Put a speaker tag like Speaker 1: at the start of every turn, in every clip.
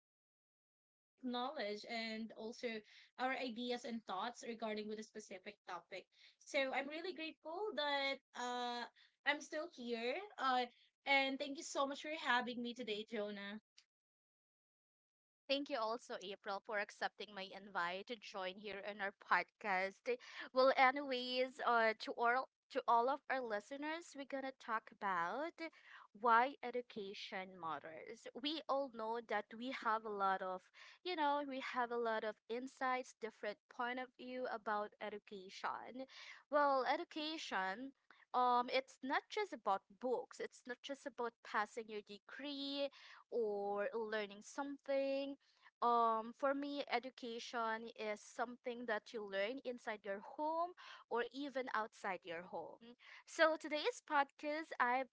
Speaker 1: basic knowledge and also our ideas and thoughts regarding with a specific topic. So I'm really grateful that I'm still here. And thank you so much for having me today, Jonah.
Speaker 2: Thank you also, April, for accepting my invite to join here in our podcast. Well, anyways, to all of our listeners, we're gonna talk about why education matters. We all know that we have a lot of, we have a lot of insights, different point of view about education. Well, education. It's not just about books. It's not just about passing your degree or learning something. For me, education is something that you learn inside your home or even outside your home. So today's podcast, I've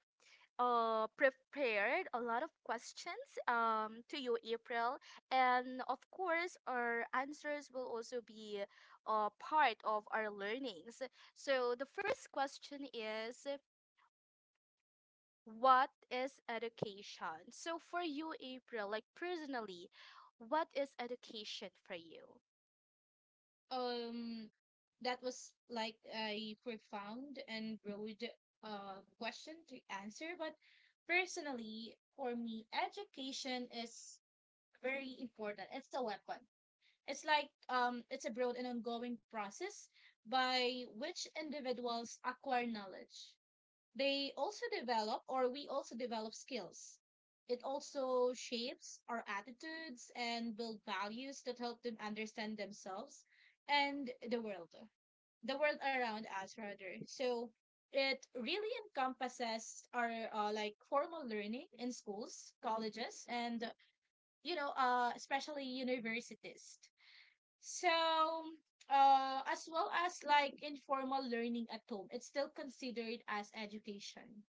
Speaker 2: prepared a lot of questions, to you, April, and of course our answers will also be part of our learnings. So the first question is, what is education? So for you, April, like personally, what is education for you?
Speaker 1: Um, that was like a profound and broad question to answer, but personally, for me, education is very important. It's a weapon. It's like it's a broad and ongoing process by which individuals acquire knowledge. They also develop, or we also develop skills. It also shapes our attitudes and build values that help them understand themselves and the world around us rather. So it really encompasses our like formal learning in schools, colleges, and you know, especially universities. So as well as like informal learning at home, it's still considered as education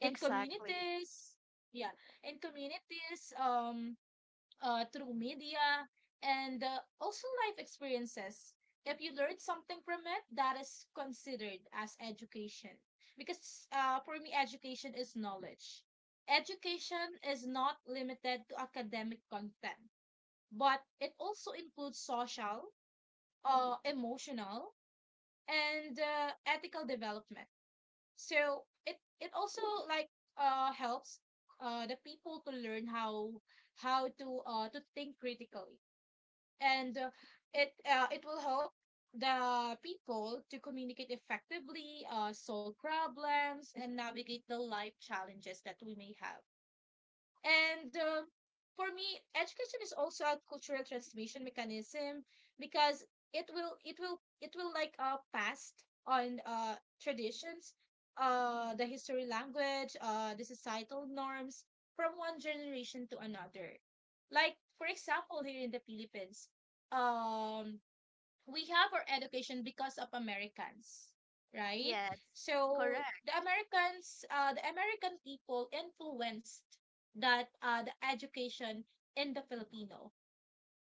Speaker 1: in
Speaker 2: Exactly.
Speaker 1: communities, yeah, in communities, through media and also life experiences. If you learn something from it, that is considered as education, because for me, education is knowledge. Education is not limited to academic content, but it also includes social, emotional, and ethical development. So it also like helps the people to learn how to think critically, and it will help the people to communicate effectively, solve problems and navigate the life challenges that we may have. And for me, education is also a cultural transmission mechanism, because it will like pass on traditions, the history, language, the societal norms from one generation to another. Like for example, here in the Philippines, um we have our education because of Americans, right?
Speaker 2: Yes.
Speaker 1: So
Speaker 2: Correct.
Speaker 1: the Americans, the American people influenced that the education in the Filipino.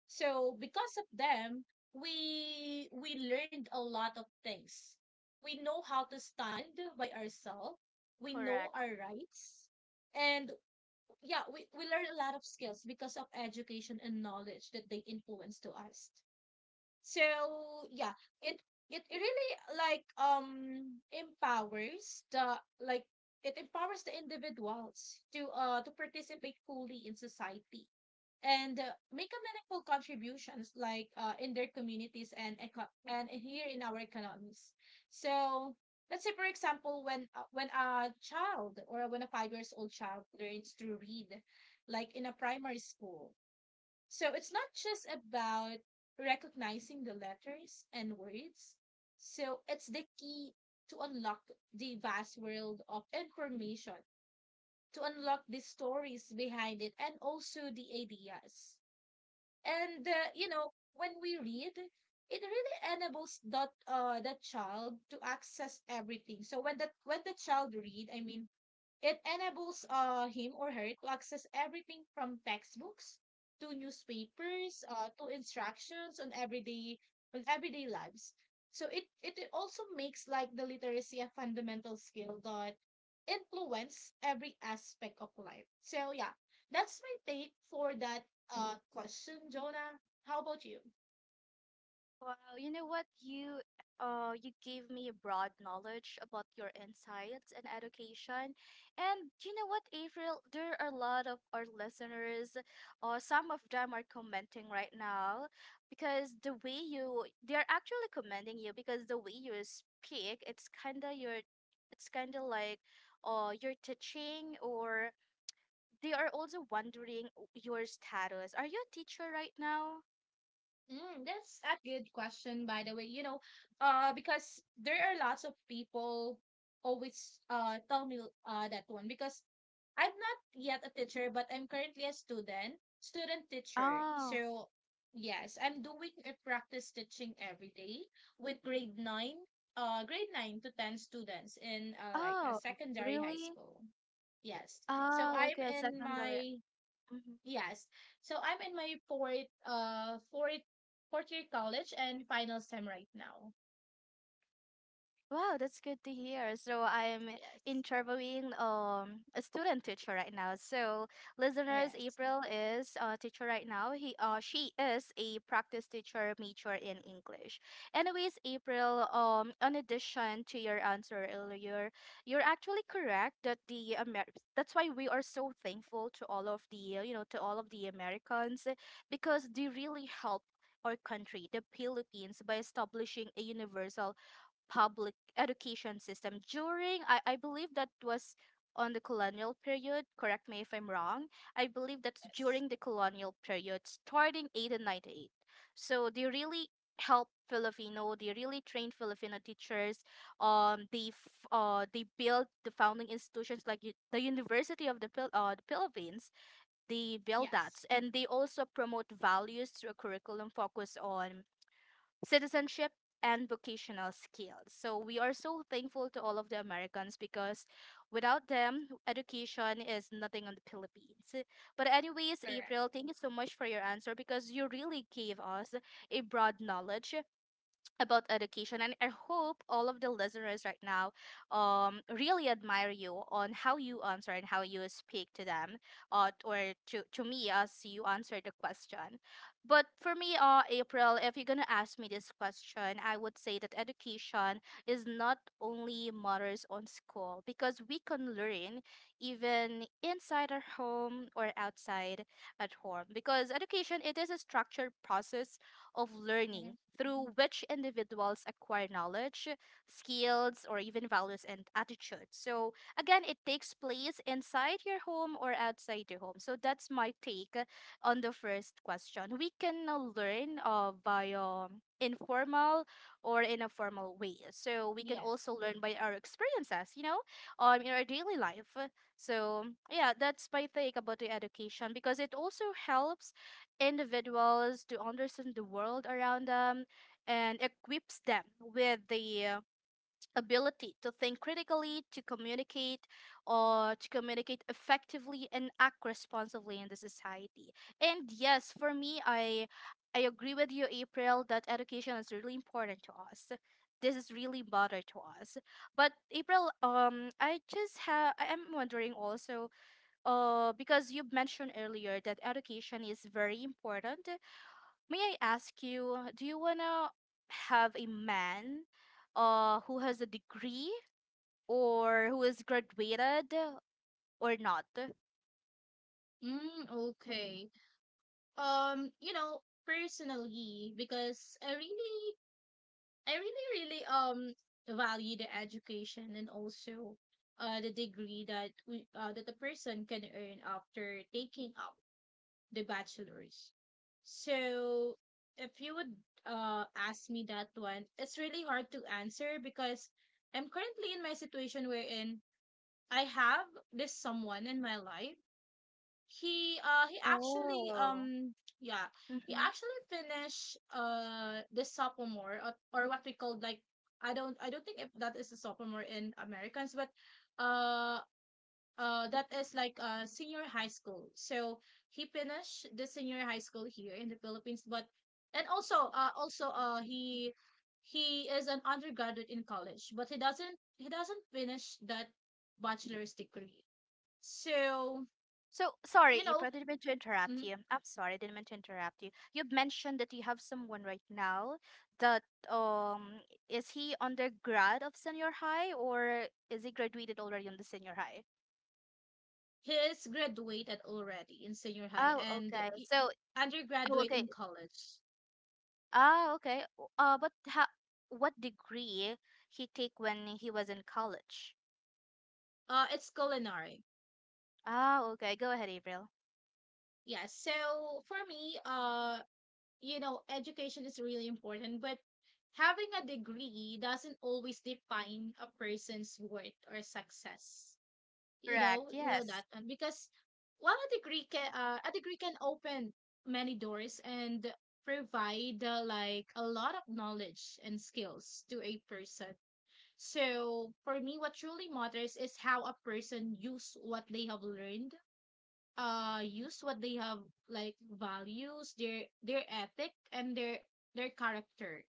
Speaker 1: So because of them, we learned a lot of things. We know how to stand by ourselves. We know
Speaker 2: Correct.
Speaker 1: our rights. And yeah, we learn a lot of skills because of education and knowledge that they influence to us. So yeah, it it really like empowers the like it empowers the individuals to participate fully in society, and make a meaningful contributions like in their communities and here in our economies. So let's say for example when a child or when a 5 years old child learns to read like in a primary school, so it's not just about recognizing the letters and words. So it's the key to unlock the vast world of information, to unlock the stories behind it, and also the ideas. And you know, when we read, it really enables that the child to access everything. So when that when the child read, I mean it enables him or her to access everything from textbooks to newspapers, to instructions on everyday lives. So it also makes like the literacy a fundamental skill that influence every aspect of life. So yeah, that's my take for that question, Jonah. How about you?
Speaker 2: Wow, you know what? You gave me a broad knowledge about your insights and education. And you know what, April, there are a lot of our listeners, some of them are commenting right now because the way you they're actually commending you because the way you speak, it's kinda your, it's kinda like, you're teaching, or they are also wondering your status. Are you a teacher right now?
Speaker 1: Mm, that's a good question, by the way. You know, because there are lots of people always tell me that one because I'm not yet a teacher, but I'm currently a student teacher.
Speaker 2: Oh,
Speaker 1: So yes, I'm doing a practice teaching every day with grade 9 to 10 students in like a
Speaker 2: oh,
Speaker 1: secondary high
Speaker 2: really?
Speaker 1: school. Yes. So
Speaker 2: Oh,
Speaker 1: I'm
Speaker 2: okay,
Speaker 1: in
Speaker 2: secondary.
Speaker 1: my
Speaker 2: Mm-hmm.
Speaker 1: Yes. So I'm in my fourth fourth year college and final sem right now.
Speaker 2: Wow, that's good to hear. So I'm
Speaker 1: Yes.
Speaker 2: interviewing a student teacher right now. So listeners,
Speaker 1: Yes.
Speaker 2: April is a teacher right now. He she is a practice teacher major in English. Anyways, April, in addition to your answer earlier, you're actually correct that that's why we are so thankful to all of the you know, to all of the Americans, because they really help our country, the Philippines, by establishing a universal public education system during, I believe that was on the colonial period, correct me if I'm wrong, I believe that's
Speaker 1: Yes.
Speaker 2: during the colonial period starting eight and ninety eight. So they really help Filipino, they really trained Filipino teachers. They they built the founding institutions like the University of the, the Philippines, they build that,
Speaker 1: Yes.
Speaker 2: and they also promote values through a curriculum focused on citizenship and vocational skills. So we are so thankful to all of the Americans, because without them, education is nothing on the Philippines. But anyways,
Speaker 1: Correct.
Speaker 2: April, thank you so much for your answer, because you really gave us a broad knowledge about education, and I hope all of the listeners right now really admire you on how you answer and how you speak to them, or to me as you answer the question. But for me, April, if you're gonna ask me this question, I would say that education is not only matters on school, because we can learn even inside our home or outside at home, because education, it is a structured process of learning
Speaker 1: Hmm.
Speaker 2: through which individuals acquire knowledge, skills, or even values and attitudes. So, again, it takes place inside your home or outside your home. So, that's my take on the first question. We can learn via informal or in a formal way. So, we can
Speaker 1: Yes.
Speaker 2: also learn by our experiences, you know, in our daily life. So, yeah, that's my take about the education, because it also helps individuals to understand the world around them and equips them with the ability to think critically, to communicate, or to communicate effectively and act responsibly in the society. And yes, for me, I agree with you, April, that education is really important to us. This is really matter to us. But April, I just have I am wondering also, because you mentioned earlier that education is very important. May I ask you, do you wanna have a man who has a degree or who is graduated or not?
Speaker 1: Mm, okay. You know, personally, because I really, really value the education and also the degree that we that a person can earn after taking up the Bachelors. So if you would ask me that one, it's really hard to answer because I'm currently in my situation wherein I have this someone in my life. He actually
Speaker 2: Oh.
Speaker 1: yeah, he
Speaker 2: Mm-hmm.
Speaker 1: actually finished the sophomore, or what we call like, I don't think if that is a sophomore in Americans, but uh that is like senior high school. So he finished the senior high school here in the Philippines, but and also he is an undergraduate in college, but he doesn't finish that bachelor's degree. So
Speaker 2: So sorry,
Speaker 1: you know,
Speaker 2: April, I didn't mean to interrupt
Speaker 1: mm,
Speaker 2: you. I'm sorry, I didn't mean to interrupt you. You've mentioned that you have someone right now that um is he undergrad of senior high, or is he graduated already on the senior high?
Speaker 1: he is graduated already in senior high,
Speaker 2: Oh,
Speaker 1: and
Speaker 2: okay.
Speaker 1: he-
Speaker 2: So, oh,
Speaker 1: undergraduate
Speaker 2: okay.
Speaker 1: in college.
Speaker 2: Ah, okay. What degree he take when he was in college?
Speaker 1: It's culinary.
Speaker 2: Ah, okay. Go ahead, April.
Speaker 1: Yeah, so for me, you know, education is really important, but having a degree doesn't always define a person's worth or success.
Speaker 2: Correct.
Speaker 1: You know
Speaker 2: Yes.
Speaker 1: that one because while a degree can open many doors and provide like a lot of knowledge and skills to a person. So for me, what truly matters is how a person use what they have learned use what they have, like values, their ethic and their character.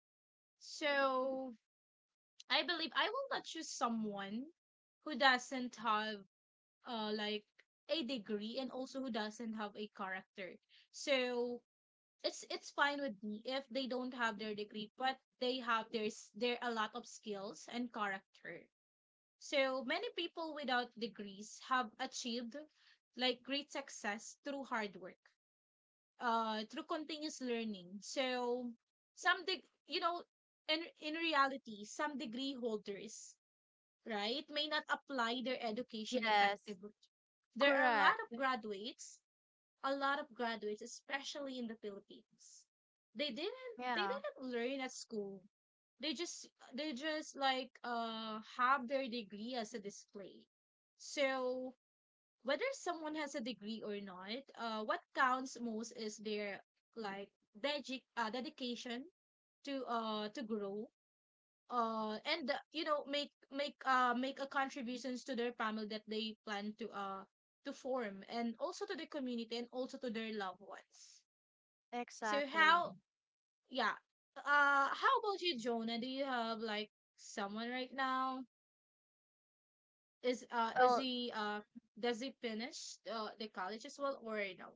Speaker 1: So I believe I will not choose someone who doesn't have like a degree, and also who doesn't have a character. So it's fine with me if they don't have their degree, but they have their a lot of skills and character. So many people without degrees have achieved like great success through hard work, through continuous learning. So you know, in reality some degree holders, right, may not apply their education
Speaker 2: Yes.
Speaker 1: effectively. There are a lot of
Speaker 2: Correct.
Speaker 1: graduates, a lot of graduates especially in the Philippines. They
Speaker 2: Yeah.
Speaker 1: didn't learn at school. They just they just like have their degree as a display. So whether someone has a degree or not, what counts most is their like dedication to grow and you know, make a contributions to their family that they plan to form, and also to the community, and also to their loved ones. So
Speaker 2: Exactly.
Speaker 1: how, yeah, how about you, Jonah? Do you have like someone right now? Is
Speaker 2: Well,
Speaker 1: he Does he finish the college as well or no?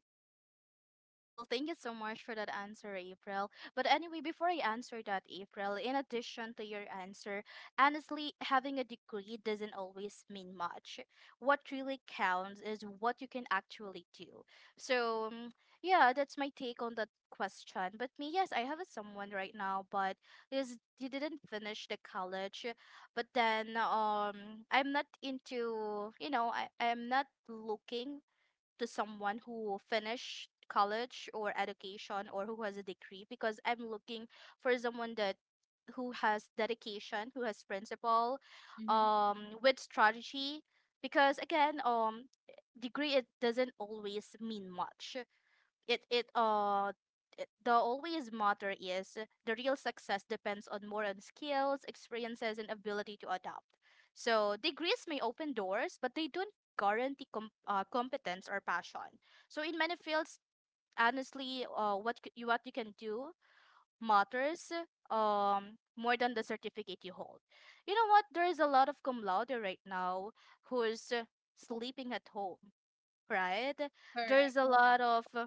Speaker 2: Well, thank you so much for that answer, April. But anyway, before I answer that, April, in addition to your answer, honestly, having a degree doesn't always mean much. What really counts is what you can actually do. So, yeah, that's my take on that question. But me, yes, I have a someone right now, but is he didn't finish the college. But then, I'm not into, you know, I'm not looking to someone who finished college or education or who has a degree, because I'm looking for someone that who has dedication, who has principle,
Speaker 1: Mm-hmm.
Speaker 2: with strategy. Because again, degree, it doesn't always mean much. it it uh the always matter is, the real success depends on more on skills, experiences, and ability to adapt. So degrees may open doors, but they don't guarantee competence or passion. So in many fields, honestly, you, what you can do matters more than the certificate you hold. You know what? There is a lot of cum laude right now who's sleeping at home, right? There is
Speaker 1: Correct,
Speaker 2: a lot of uh,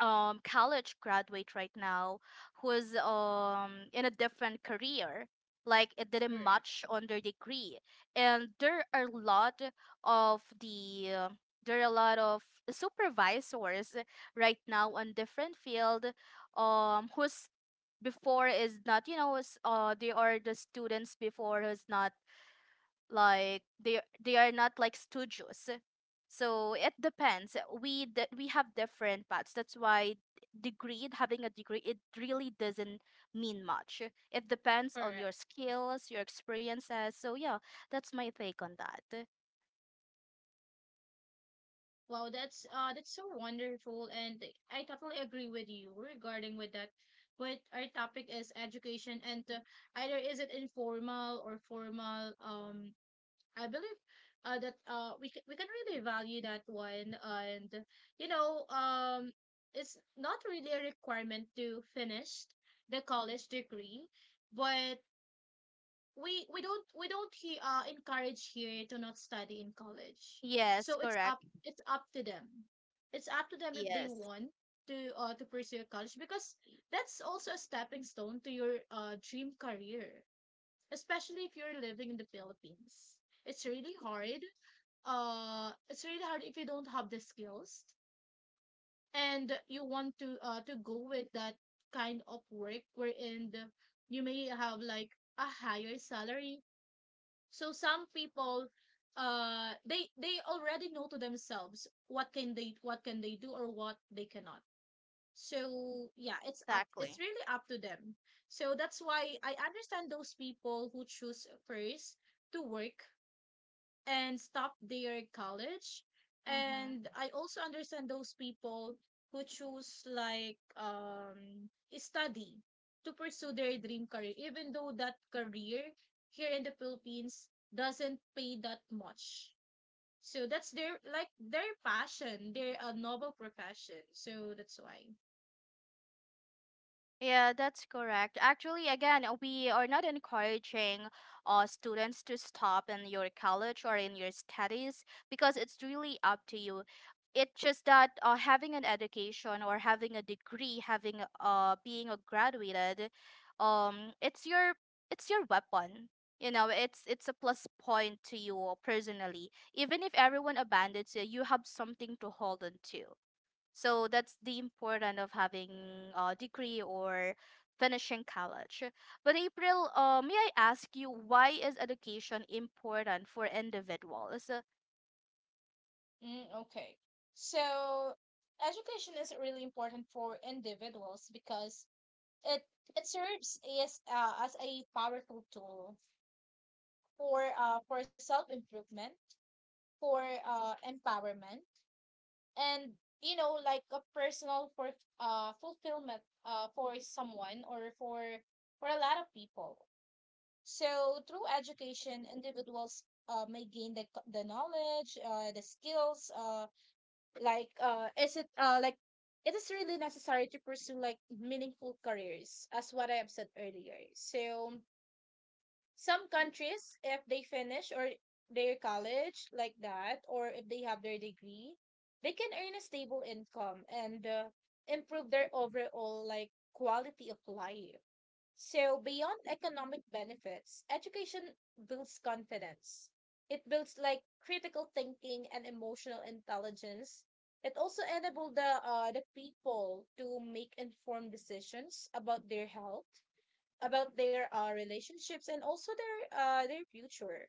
Speaker 2: um college graduate right now who's in a different career, like it didn't
Speaker 1: correct,
Speaker 2: match on their degree, and there are a lot of there are a lot of supervisors right now on different field, who's before is not, you know, they are the students before who's not like, they are not like studios. So it depends, we have different paths, that's why degree, having a degree, it really doesn't mean much. It depends on
Speaker 1: correct.
Speaker 2: your skills, your experiences, so yeah, that's my take on that.
Speaker 1: Wow, that's so wonderful, and I totally agree with you regarding with that. But our topic is education, and either is it informal or formal, I believe that we can really value that one. And you know, it's not really a requirement to finish the college degree, but we don't encourage here to not study in college.
Speaker 2: Yes,
Speaker 1: So it's up
Speaker 2: correct.
Speaker 1: it's up to them. It's up to them if they
Speaker 2: Yes.
Speaker 1: want to pursue a college, because that's also a stepping stone to your dream career, especially if you're living in the Philippines. It's really hard, it's really hard if you don't have the skills and you want to go with that kind of work wherein the, you may have like a higher salary. So some people, they already know to themselves what can they do or what they cannot. So yeah, it's
Speaker 2: Exactly.
Speaker 1: really up to them. So that's why I understand those people who choose first to work and stop their college. And
Speaker 2: Mm-hmm.
Speaker 1: I also understand those people who choose like study to pursue their dream career, even though that career here in the Philippines doesn't pay that much. So that's their like their passion. They're a noble profession. So that's why.
Speaker 2: Yeah, that's correct. Actually, again, we are not encouraging students to stop in your college or in your studies, because it's really up to you. It's just that having an education or having a degree, having a-, being a graduated, um, it's your it's your weapon. You know, it's a plus point to you personally. Even if everyone abandons you, you have something to hold on to. So that's the important of having a degree or finishing college. But April, may I ask you, why is education important for individuals?
Speaker 1: Mm, okay. So, education is really important for individuals because it it serves as a powerful tool for self improvement, for empowerment, and you know, like a personal for fulfillment for someone or for a lot of people. So through education, individuals may gain the the knowledge, the skills, like it is really necessary to pursue like meaningful careers, as what I have said earlier. So some countries, if they finish or their college like that, or if they have their degree, they can earn a stable income and improve their overall like quality of life. So beyond economic benefits, education builds confidence. It builds like critical thinking and emotional intelligence. It also enables the people to make informed decisions about their health, about their relationships, and also their future.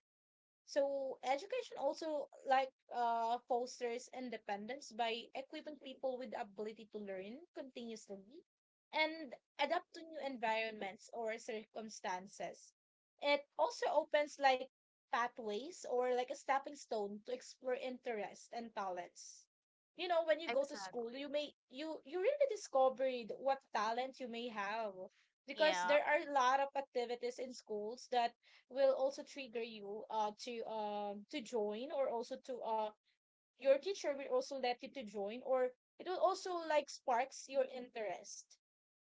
Speaker 1: So education also like fosters independence by equipping people with the ability to learn continuously and adapt to new environments or circumstances. It also opens like pathways or like a stepping stone to explore interests and talents. You know, when you go to school,
Speaker 2: Exactly.
Speaker 1: you may you you really discovered what talent you may have, because
Speaker 2: Yeah.
Speaker 1: there are a lot of activities in schools that will also trigger you to join, or also to your teacher will also let you to join, or it will also like sparks your interest.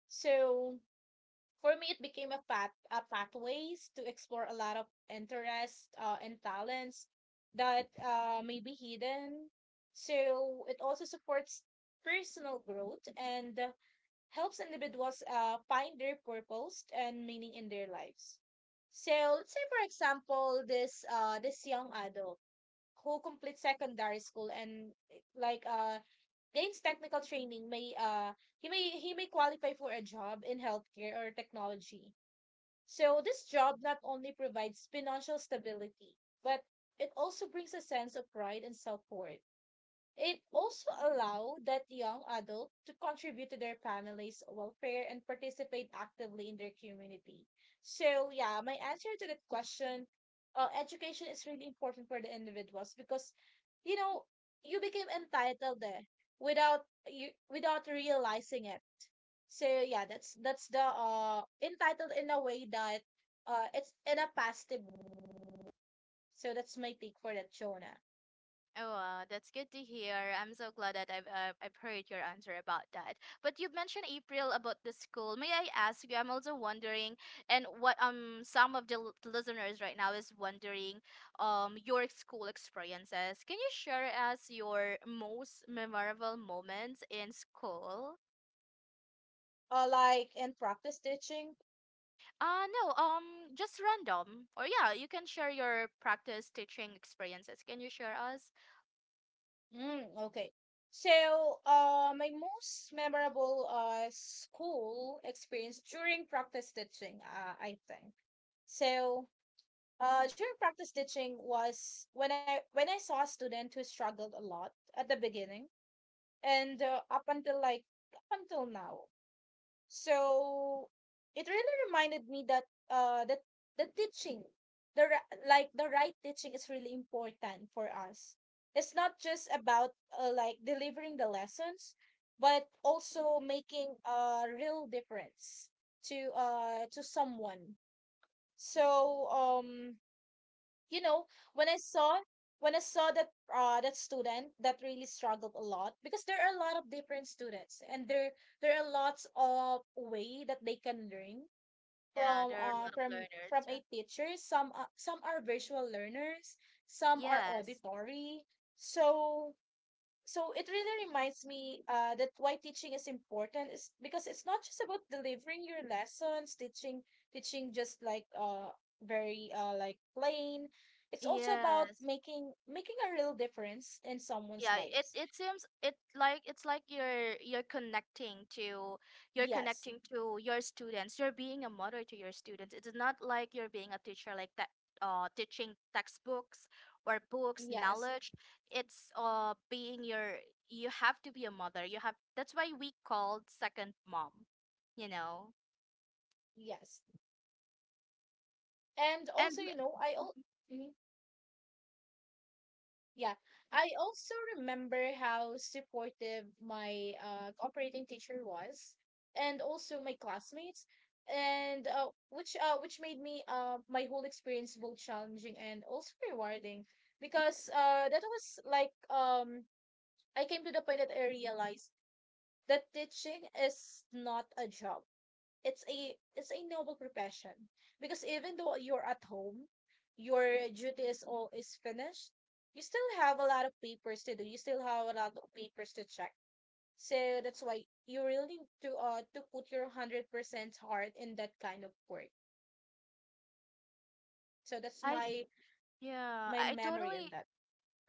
Speaker 1: So for me it became a pathways to explore a lot of interests and talents that may be hidden. So it also supports personal growth and helps individuals find their purpose and meaning in their lives. So let's say, for example, this young adult who completes secondary school and gains technical training may he may qualify for a job in healthcare or technology. So this job not only provides financial stability, but it also brings a sense of pride and self-worth. It also allow that young adult to contribute to their family's welfare and participate actively in their community. So yeah, my answer to that question, education is really important for the individuals because, you know, you became entitled there without you without realizing it. So yeah, that's the entitled in a way that it's in a positive way. So that's my take for that, Jonah.
Speaker 2: Oh, wow, that's good to hear. I'm so glad that I've heard your answer about that. But you mentioned, April, about the school. May I ask you? I'm also wondering, and what some of the listeners right now is wondering, your school experiences. Can you share us your most memorable moments in school?
Speaker 1: Like in practice teaching.
Speaker 2: No, just random. Or yeah, you can share your practice teaching experiences. Can you share us?
Speaker 1: Mm, okay. So, my most memorable school experience during practice stitching, I think. So, during practice stitching was when I saw a student who struggled a lot at the beginning, and up until like up until now. So it really reminded me that uh that the teaching, the ri- like the right teaching is really important for us. It's not just about like delivering the lessons, but also making a real difference to someone. So you know, when i saw when I saw that that student that really struggled a lot, because there are a lot of different students, and there are lots of way that they can learn
Speaker 2: Yeah,
Speaker 1: from
Speaker 2: there are a lot of
Speaker 1: a
Speaker 2: learners.
Speaker 1: teacher. Some some are virtual learners, some are
Speaker 2: Yes.
Speaker 1: auditory. So so it really reminds me that why teaching is important is because it's not just about delivering your lessons, teaching just like very like plain. It's also about
Speaker 2: Yes.
Speaker 1: making a real difference in someone's
Speaker 2: Yeah, it
Speaker 1: lives.
Speaker 2: it seems it like it's like you're connecting to, you're
Speaker 1: Yes,
Speaker 2: connecting to your students. You're being a mother to your students. It's not like you're being a teacher like that, teaching textbooks or books,
Speaker 1: yes,
Speaker 2: knowledge. It's being your, you have to be a mother. You have, that's why we called second mom, you know.
Speaker 1: yes. And
Speaker 2: And
Speaker 1: also, you know, I al- Yeah, I also remember how supportive my operating teacher was, and also my classmates, and which made me my whole experience both challenging and also rewarding, because that was like I came to the point that I realized that teaching is not a job, it's a noble profession, because even though you're at home, your duty is all is finished, you still have a lot of papers to do, you still have a lot of papers to check. So that's why you really need to put your 100% heart in that kind of work. So that's
Speaker 2: I
Speaker 1: my
Speaker 2: yeah,
Speaker 1: my memory on that.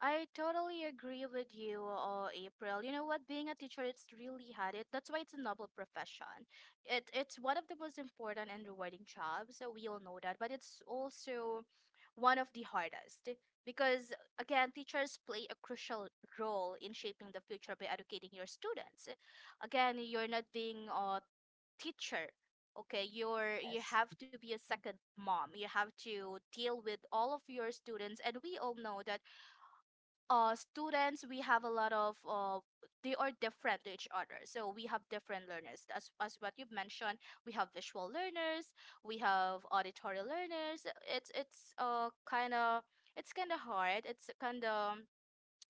Speaker 2: I totally agree with you, April. You know what? Being a teacher, it's really hard. It, that's why it's a noble profession. It's one of the most important and rewarding jobs. So we all know that, but it's also one of the hardest, because again, teachers play a crucial role in shaping the future by educating your students. Again, you're not being a teacher. Okay, you're, you have to be a second mom. You have to deal with all of your students, and we all know that students, we have a lot of they are different to each other, so we have different learners, as what you've mentioned, we have visual learners, we have auditory learners. It's kind of, it's kind of hard, it's kind of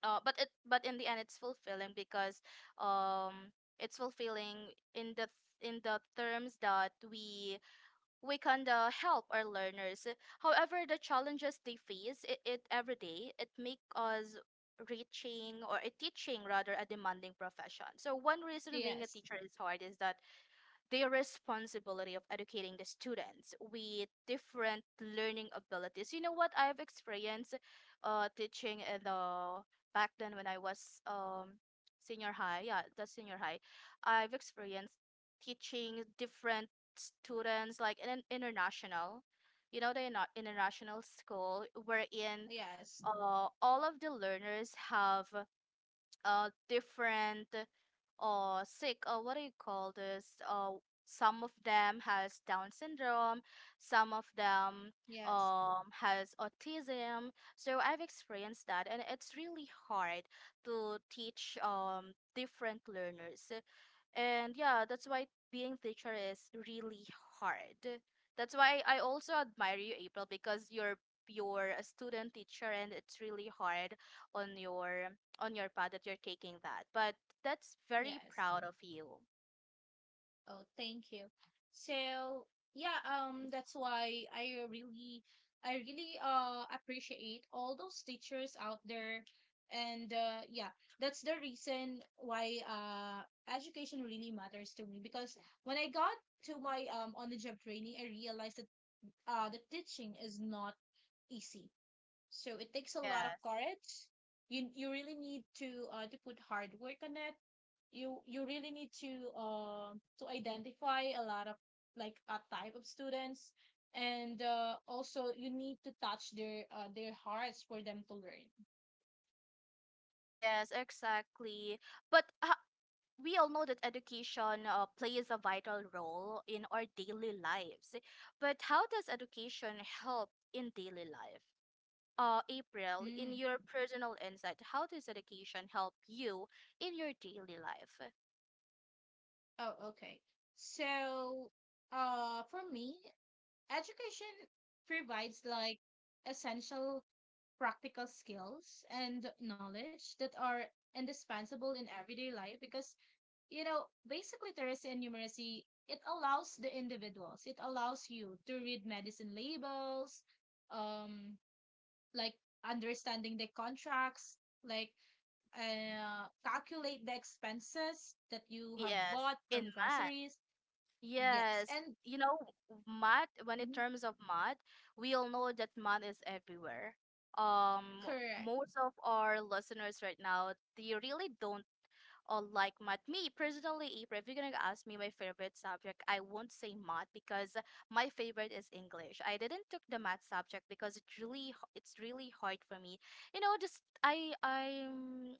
Speaker 2: but it, but in the end it's fulfilling, because um it's fulfilling in the, in the terms that we can help our learners. However, the challenges they face it, it every day, it make us reaching or a teaching rather a demanding profession. So one reason being a teacher is hard is that their responsibility of educating the students with different learning abilities. You know what I've experienced teaching in the back then when I was senior high, yeah, the senior high, I've experienced teaching different students like in an international, you know, the international school wherein
Speaker 1: Yes,
Speaker 2: all of the learners have different or sick or what do you call this, some of them has Down syndrome, some of them
Speaker 1: yes,
Speaker 2: has autism. So I've experienced that, and it's really hard to teach different learners. And yeah, that's why being teacher is really hard. That's why I also admire you, April, because you're a student teacher and it's really hard on your on your path that you're taking that, but that's very
Speaker 1: yes.
Speaker 2: proud of you.
Speaker 1: Oh, thank you. So, yeah, that's why I really appreciate all those teachers out there, and yeah, that's the reason why education really matters to me, because when I got to my on the job training, I realized that the teaching is not easy. So, it takes a lot of
Speaker 2: Yes.
Speaker 1: courage. You really need to put hard work on it. You really need to identify a lot of like a type of students, and also you need to touch their hearts for them to learn.
Speaker 2: Yes, exactly. But we all know that education plays a vital role in our daily lives. But how does education help in daily life? April, in
Speaker 1: Mm.
Speaker 2: your personal insight, how does education help you in your daily life?
Speaker 1: Oh, okay. So, for me, education provides like essential practical skills and knowledge that are indispensable in everyday life, because you know, basically Teresian numeracy, it allows the individuals, it allows you to read medicine labels, um, like understanding the contracts, like calculate the expenses that you have
Speaker 2: Yes.
Speaker 1: bought
Speaker 2: In
Speaker 1: from
Speaker 2: math?
Speaker 1: groceries. Yes,
Speaker 2: Yes,
Speaker 1: and
Speaker 2: you know, math, when in
Speaker 1: mhm,
Speaker 2: terms of math, we all know that math is everywhere. Um,
Speaker 1: correct.
Speaker 2: most of our listeners right now, they really don't or like math. Me personally, if you're gonna ask me my favorite subject, I won't say math because my favorite is English. I didn't took the math subject because it's really it's really hard for me. You know, just I'm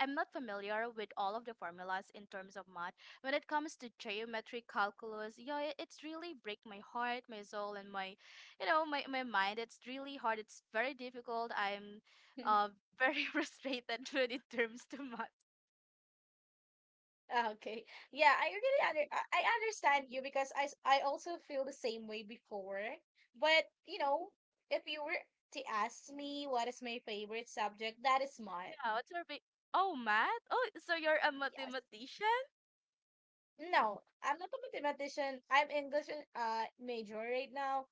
Speaker 2: I'm not familiar with all of the formulas in terms of math. When it comes to geometry, calculus, yeah, it's really break my heart, my soul, and my, you know, my mind. It's really hard. It's very difficult. I'm uh, very frustrated when it terms to math.
Speaker 1: Ah, okay. Yeah, I really under I understand you, because I s- I also feel the same way before. But, you know, if you were to ask me what is my favorite subject, that is math.
Speaker 2: Yeah, oh, math? Oh, so you're a
Speaker 1: Yes.
Speaker 2: mathematician?
Speaker 1: No, I'm not a mathematician. I'm English major right now,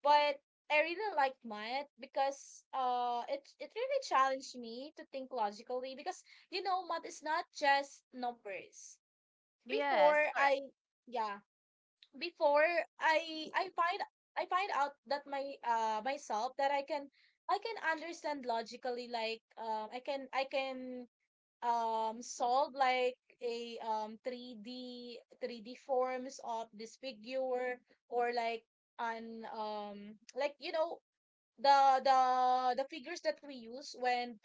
Speaker 1: but I really like math because it it really challenged me to think logically, because you know math is not just numbers. Before
Speaker 2: Yes, correct.
Speaker 1: I yeah before I I find I find out that my myself that I can understand logically, like I can solve like a 3D 3D forms of this figure, or like an like you know the the the figures that we use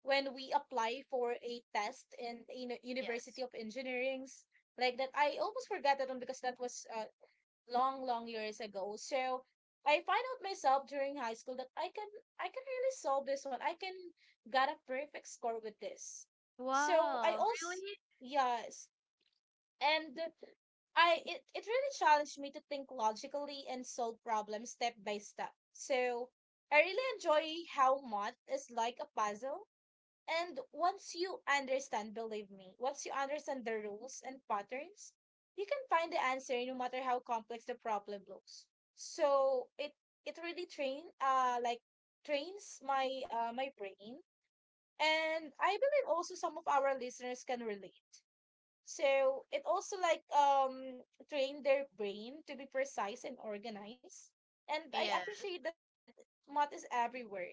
Speaker 1: when we apply for a test in a University
Speaker 2: Yes.
Speaker 1: of Engineering's, like that. I almost forgot that one because that was long, long years ago. So I find out myself during high school that I can really solve this one. I can got a perfect score with this. So I
Speaker 2: Wow,
Speaker 1: also
Speaker 2: really?
Speaker 1: yes. And I it, it really challenged me to think logically and solve problems step by step. So I really enjoy how math is like a puzzle, and once you understand, believe me, once you understand the rules and patterns, you can find the answer no matter how complex the problem looks. So it really train trains my my brain. And I believe also some of our listeners can relate. So it also like trained their brain to be precise and organized. And I
Speaker 2: Yeah,
Speaker 1: appreciate that math is everywhere.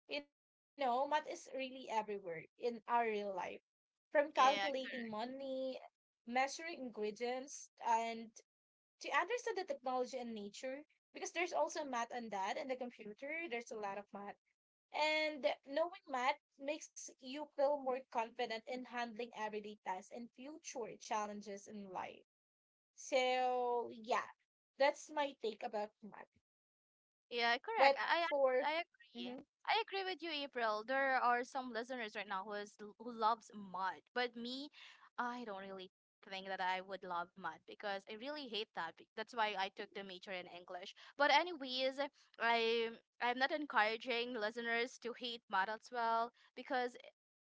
Speaker 1: You know, math is really everywhere in our real life. From calculating
Speaker 2: yeah.
Speaker 1: money, measuring ingredients, and to understand the technology and nature, because there's also math on that, and the computer, there's a lot of math. And knowing math makes you feel more confident in handling everyday tasks and future challenges in life. So, yeah, that's my take about math.
Speaker 2: Yeah, correct.
Speaker 1: But
Speaker 2: I
Speaker 1: for,
Speaker 2: I I agree.
Speaker 1: mhm,
Speaker 2: I agree with you, April. There are some listeners right now who is who loves mud, but me, I don't really think that I would love mud because I really hate that. That's why I took the major in English. But anyways, I I'm not encouraging listeners to hate mud as well because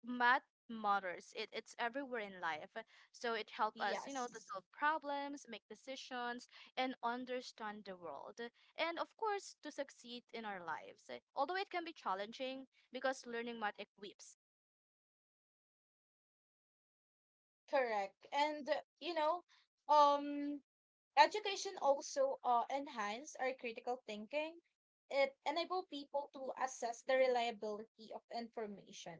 Speaker 2: mud matters. It's everywhere in life. So it helps us, you know, to
Speaker 1: yes,
Speaker 2: solve problems, make decisions, and understand the world, and of course to succeed in our lives. Eh, although it can be challenging because learning math equips.
Speaker 1: correct. And, you know, um, education also enhance our critical thinking. It enable people to assess the reliability of information,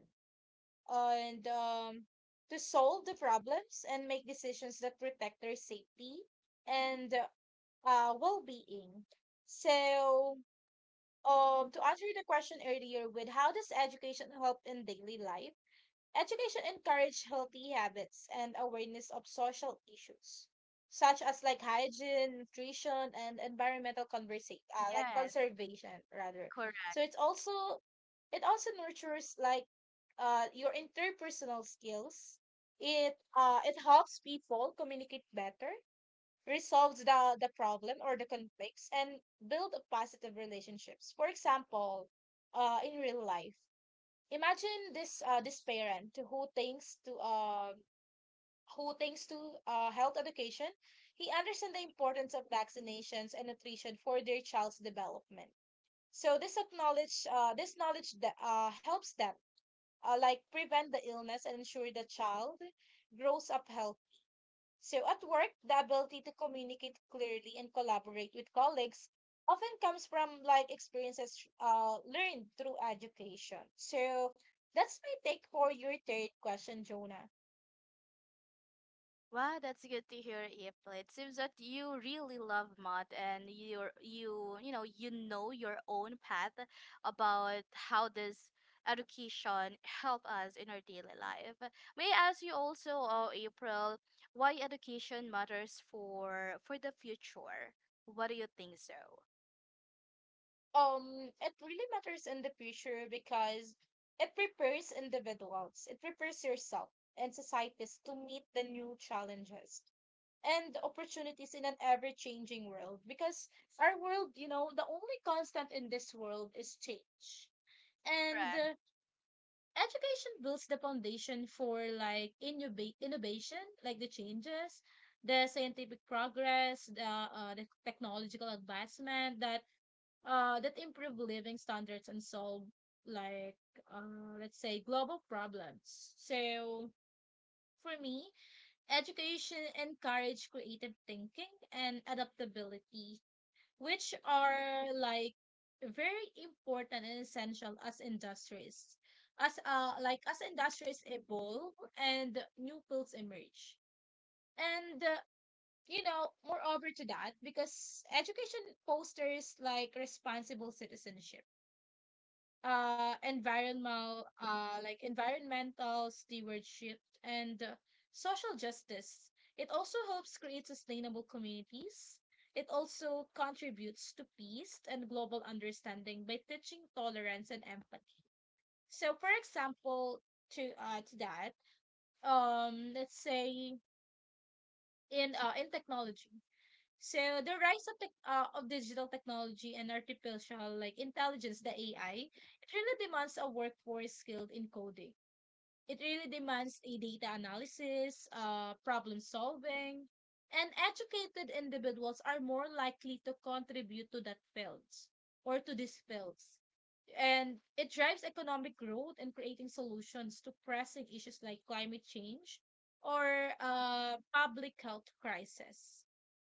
Speaker 1: and to solve the problems and make decisions that protect their safety and well-being. So, to answer the question earlier with how does education help in daily life? Education encourage healthy habits and awareness of social issues, such as like hygiene, nutrition, and environmental conversation, like
Speaker 2: Yes,
Speaker 1: conservation rather.
Speaker 2: correct.
Speaker 1: So it's also it also nurtures like your interpersonal skills. It it helps people communicate better, resolves the problem or the conflicts, and build a positive relationships. For example, in real life, imagine this parent who thinks to health education. He understands the importance of vaccinations and nutrition for their child's development. So this acknowledge this knowledge that helps them like prevent the illness and ensure the child grows up healthy. So at work, the ability to communicate clearly and collaborate with colleagues often comes from like experiences learned through education. So that's my take for your third question, Jonah.
Speaker 2: Wow, that's good to hear, April. It seems that you really love math and you're you know you know your own path about how this education help us in our daily life. May I ask you also, April, why education matters for the future? What do you think so?
Speaker 1: It really matters in the future because it prepares individuals, it prepares yourself and societies to meet the new challenges and opportunities in an ever changing world. Because our world, you know, the only constant in this world is change. And
Speaker 2: Correct.
Speaker 1: education builds the foundation for like innova- innovation, like the changes, the scientific progress, the technological advancement that that improve living standards and solve like let's say global problems. So for me, education encourage creative thinking and adaptability, which are like very important and essential as industries as industries evolve and new fields emerge. And you know moreover to that, because education posters like responsible citizenship, environmental environmental stewardship and social justice. It also helps create sustainable communities. It also contributes to peace and global understanding by teaching tolerance and empathy. So for example, to that, let's say in technology. So the rise of tech of digital technology and artificial like intelligence, the AI, it really demands a workforce skilled in coding. It really demands a data analysis, problem solving, and educated individuals are more likely to contribute to that fields, or to these fields. And it drives economic growth and creating solutions to pressing issues like climate change or public health crisis.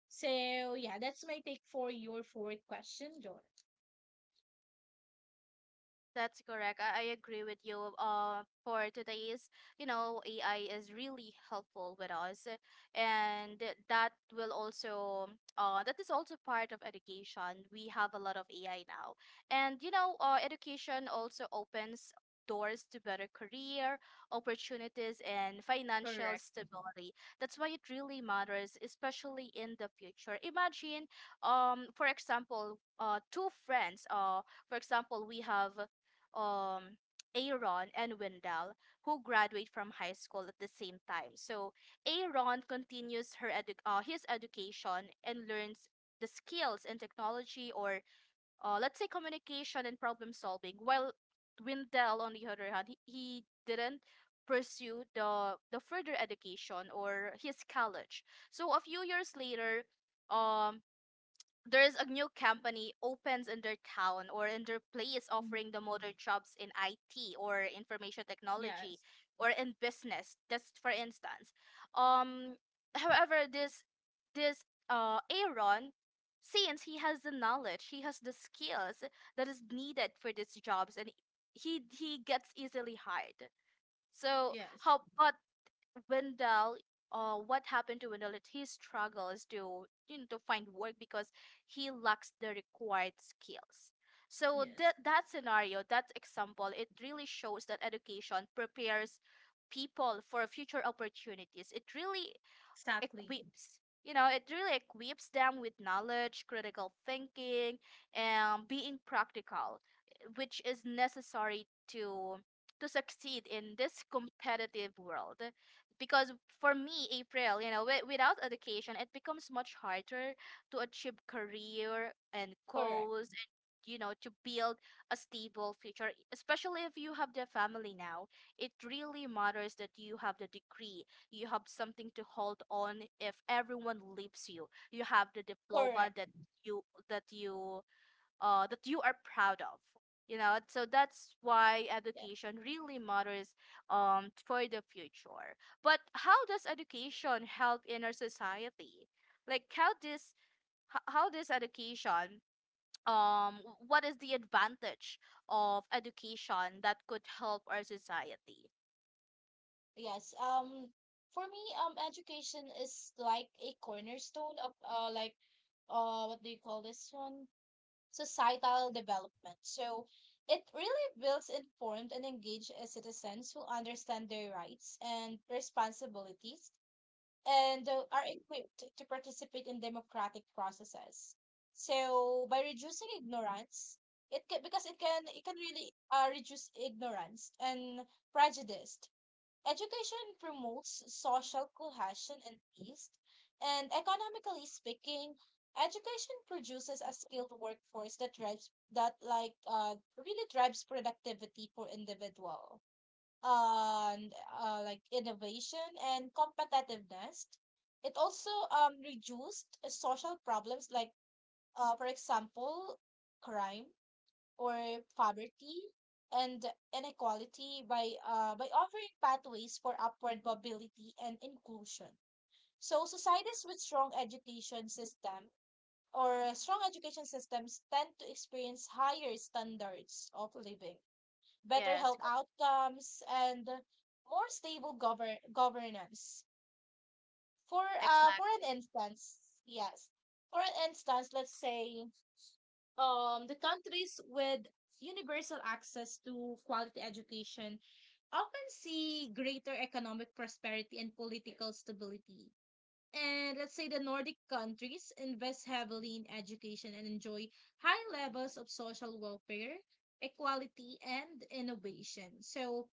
Speaker 1: So yeah, that's my take for your fourth question, John.
Speaker 2: That's correct. I agree with you. For today's, you know, AI is really helpful with us, and that will that is also part of education. We have a lot of AI now, and you know, education also opens doors to better career opportunities and financial
Speaker 1: Correct.
Speaker 2: stability. That's why it really matters, especially in the future. Imagine, for example, two friends, for example, we have um Aaron and Wendell, who graduate from high school at the same time. So Aaron continues her his education and learns the skills in technology or, let's say communication and problem solving. While Wendell, on the other hand, he didn't pursue the further education or his college. So a few years later, um, there's a new company opens in their town or in their place
Speaker 1: Mhm.
Speaker 2: offering the modern jobs in IT or information technology
Speaker 1: Yes.
Speaker 2: or in business, just for instance. um However, this Aaron, since he has the knowledge, he has the skills that is needed for these jobs, and he gets easily hired. So
Speaker 1: Yes.
Speaker 2: how but Wendell, what happened to Wendell? That he struggles to, you know, to find work because he lacks the required skills. So
Speaker 1: Yes.
Speaker 2: that that scenario, that example, it really shows that education prepares people for future opportunities. It really
Speaker 1: Exactly.
Speaker 2: equips, you know, it really equips them with knowledge, critical thinking, and being practical, eh, which is necessary to succeed in this competitive world. Because for me, April, you know, without education it becomes much harder to achieve career and
Speaker 1: Correct.
Speaker 2: goals, and, you know, to build a stable future, especially if you have the family now. It really matters that you have the degree, you have something to hold on if everyone leaves you. You have the diploma
Speaker 1: Correct.
Speaker 2: that you that you that you are proud of. You know, so that's why
Speaker 1: Yes.
Speaker 2: education really matters for the future. But how does education help in our society? Like how this how this education, um what is the advantage of education that could help our society?
Speaker 1: Yes. For me, education is like a cornerstone of like, what do you call this one? Societal development. So it really builds informed and engaged citizens who understand their rights and responsibilities and are equipped to participate in democratic processes. So by reducing ignorance, it can, because it can really reduce ignorance and prejudice. Education promotes social cohesion and peace, and economically speaking, education produces a skilled workforce that drives that like really drives productivity for individual and innovation and competitiveness. It also reduced social problems like, for example, crime or poverty and inequality by offering pathways for upward mobility and inclusion. So societies with strong education system or strong education systems tend to experience higher standards of living, better
Speaker 2: Yes,
Speaker 1: health outcomes, and more stable governance. For
Speaker 2: exactly.
Speaker 1: an instance, yes, for an instance, let's say the countries with universal access to quality education often see greater economic prosperity and political stability. And let's say the Nordic countries invest heavily in education and enjoy high levels of social welfare, equality, and innovation. So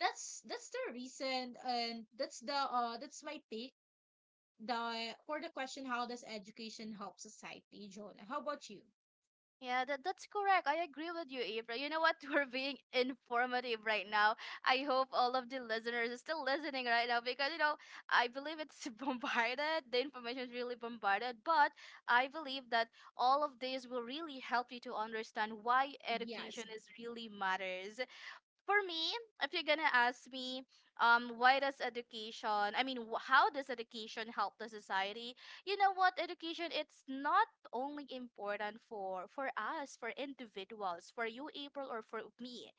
Speaker 1: that's the reason, and that's the that's my take the for the question, how does education help society, Jonah? How about you?
Speaker 2: Yeah, that, that's correct. I agree with you, April. You know what? We're being informative right now. I hope all of the listeners are still listening right now because, you know, I believe it's bombarded. The information is really bombarded. But I believe that all of this will really help you to understand why
Speaker 1: Yes,
Speaker 2: education is really matters for me. If you're gonna ask me, why does education? I mean, how does education help the society? You know what? Education it's not only important for us, for individuals, for you, April, or for me.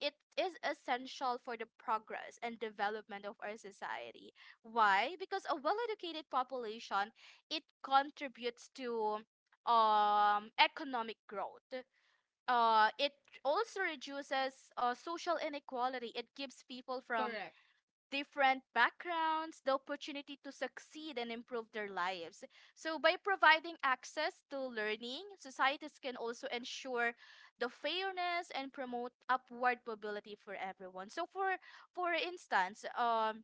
Speaker 2: It is essential for the progress and development of our society. Why? Because a well-educated population, it contributes to economic growth. It also reduces social inequality. It gives people from
Speaker 1: correct.
Speaker 2: different backgrounds the opportunity to succeed and improve their lives. So, by providing access to learning, societies can also ensure the fairness and promote upward mobility for everyone. So, for instance,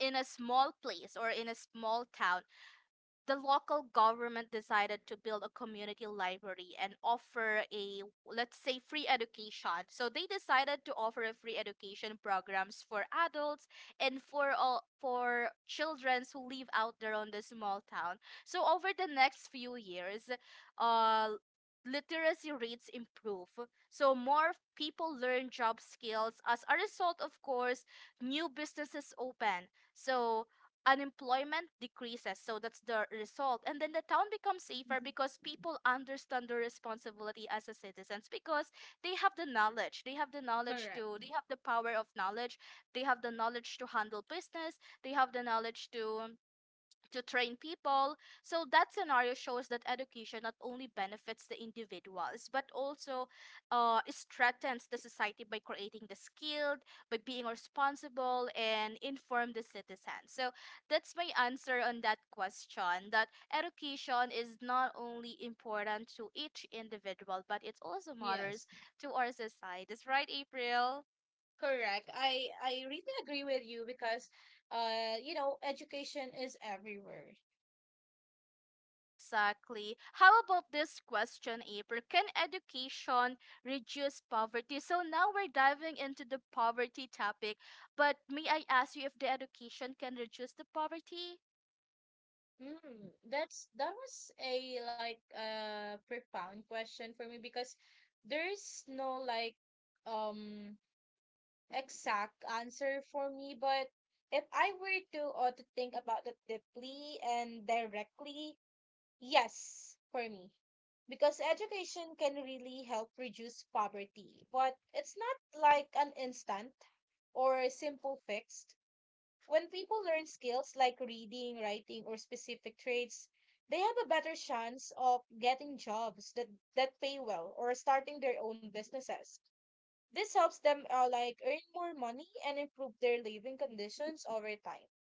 Speaker 2: in a small place or in a small town, the local government decided to build a community library and offer, a, let's say, free education. So they decided to offer a free education programs for adults and for all for children who live out there on the small town. So over the next few years, uh literacy rates improve, so more people learn job skills. As a result, of course, new businesses open, so unemployment decreases. So that's the result. And then the town becomes safer
Speaker 1: Mhm.
Speaker 2: because people understand their responsibility as a citizens because they have the knowledge. They have the knowledge
Speaker 1: Correct.
Speaker 2: to, they have the power of knowledge. They have the knowledge to handle business. They have the knowledge to train people. So that scenario shows that education not only benefits the individuals but also, it strengthens the society by creating the skilled, by being responsible and informed the citizens. So that's my answer on that question. That education is not only important to each individual but it also matters
Speaker 1: Yes.
Speaker 2: to our societies, right, April?
Speaker 1: Correct. I really agree with you because you know education is everywhere.
Speaker 2: Exactly. How about this question, April? Can education reduce poverty? So now we're diving into the poverty topic, but may I ask you if the education can reduce the poverty?
Speaker 1: Mm, that's that was a like profound question for me because there is no like um exact answer for me, but if I were to or to think about it deeply and directly, yes, for me. Because education can really help reduce poverty, but it's not like an instant or a simple fix. When people learn skills like reading, writing, or specific trades, they have a better chance of getting jobs that, that pay well or starting their own businesses. This helps them like earn more money and improve their living conditions over time.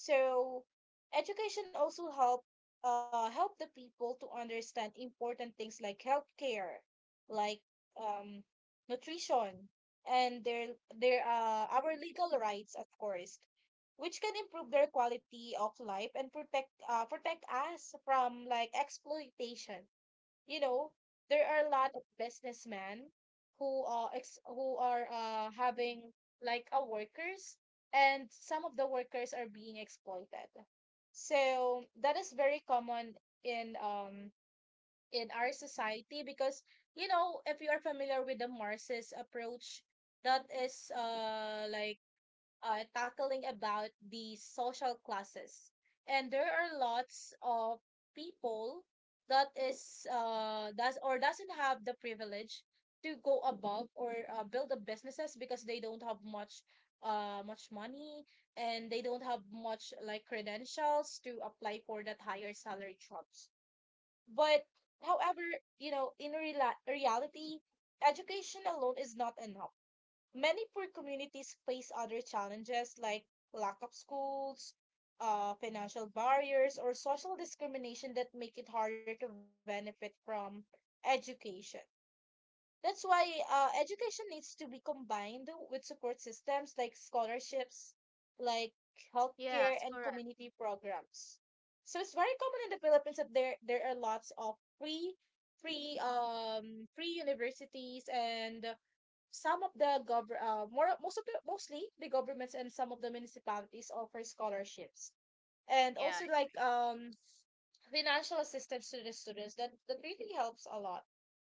Speaker 1: So education also help help the people to understand important things like healthcare, like um nutrition and their our legal rights of course, which can improve their quality of life and protect protect us from like exploitation. You know, there are a lot of businessmen who are having like a workers, and some of the workers are being exploited. So that is very common in um in our society because you know if you are familiar with the Marxist approach, that is tackling about the social classes. And there are lots of people that is does or doesn't have the privilege to go above or build the businesses because they don't have much much money, and they don't have much like credentials to apply for that higher salary jobs. But however, you know, in reality, education alone is not enough. Many poor communities face other challenges like lack of schools, financial barriers, or social discrimination that make it harder to benefit from education. That's why education needs to be combined with support systems like scholarships, like healthcare,
Speaker 2: Yes,
Speaker 1: and
Speaker 2: correct.
Speaker 1: community programs. So it's very common in the Philippines that there are lots of free free universities, and some of the govern more most of the mostly the governments and some of the municipalities offer scholarships and
Speaker 2: Yeah.
Speaker 1: also like financial assistance to the students that that really helps a lot.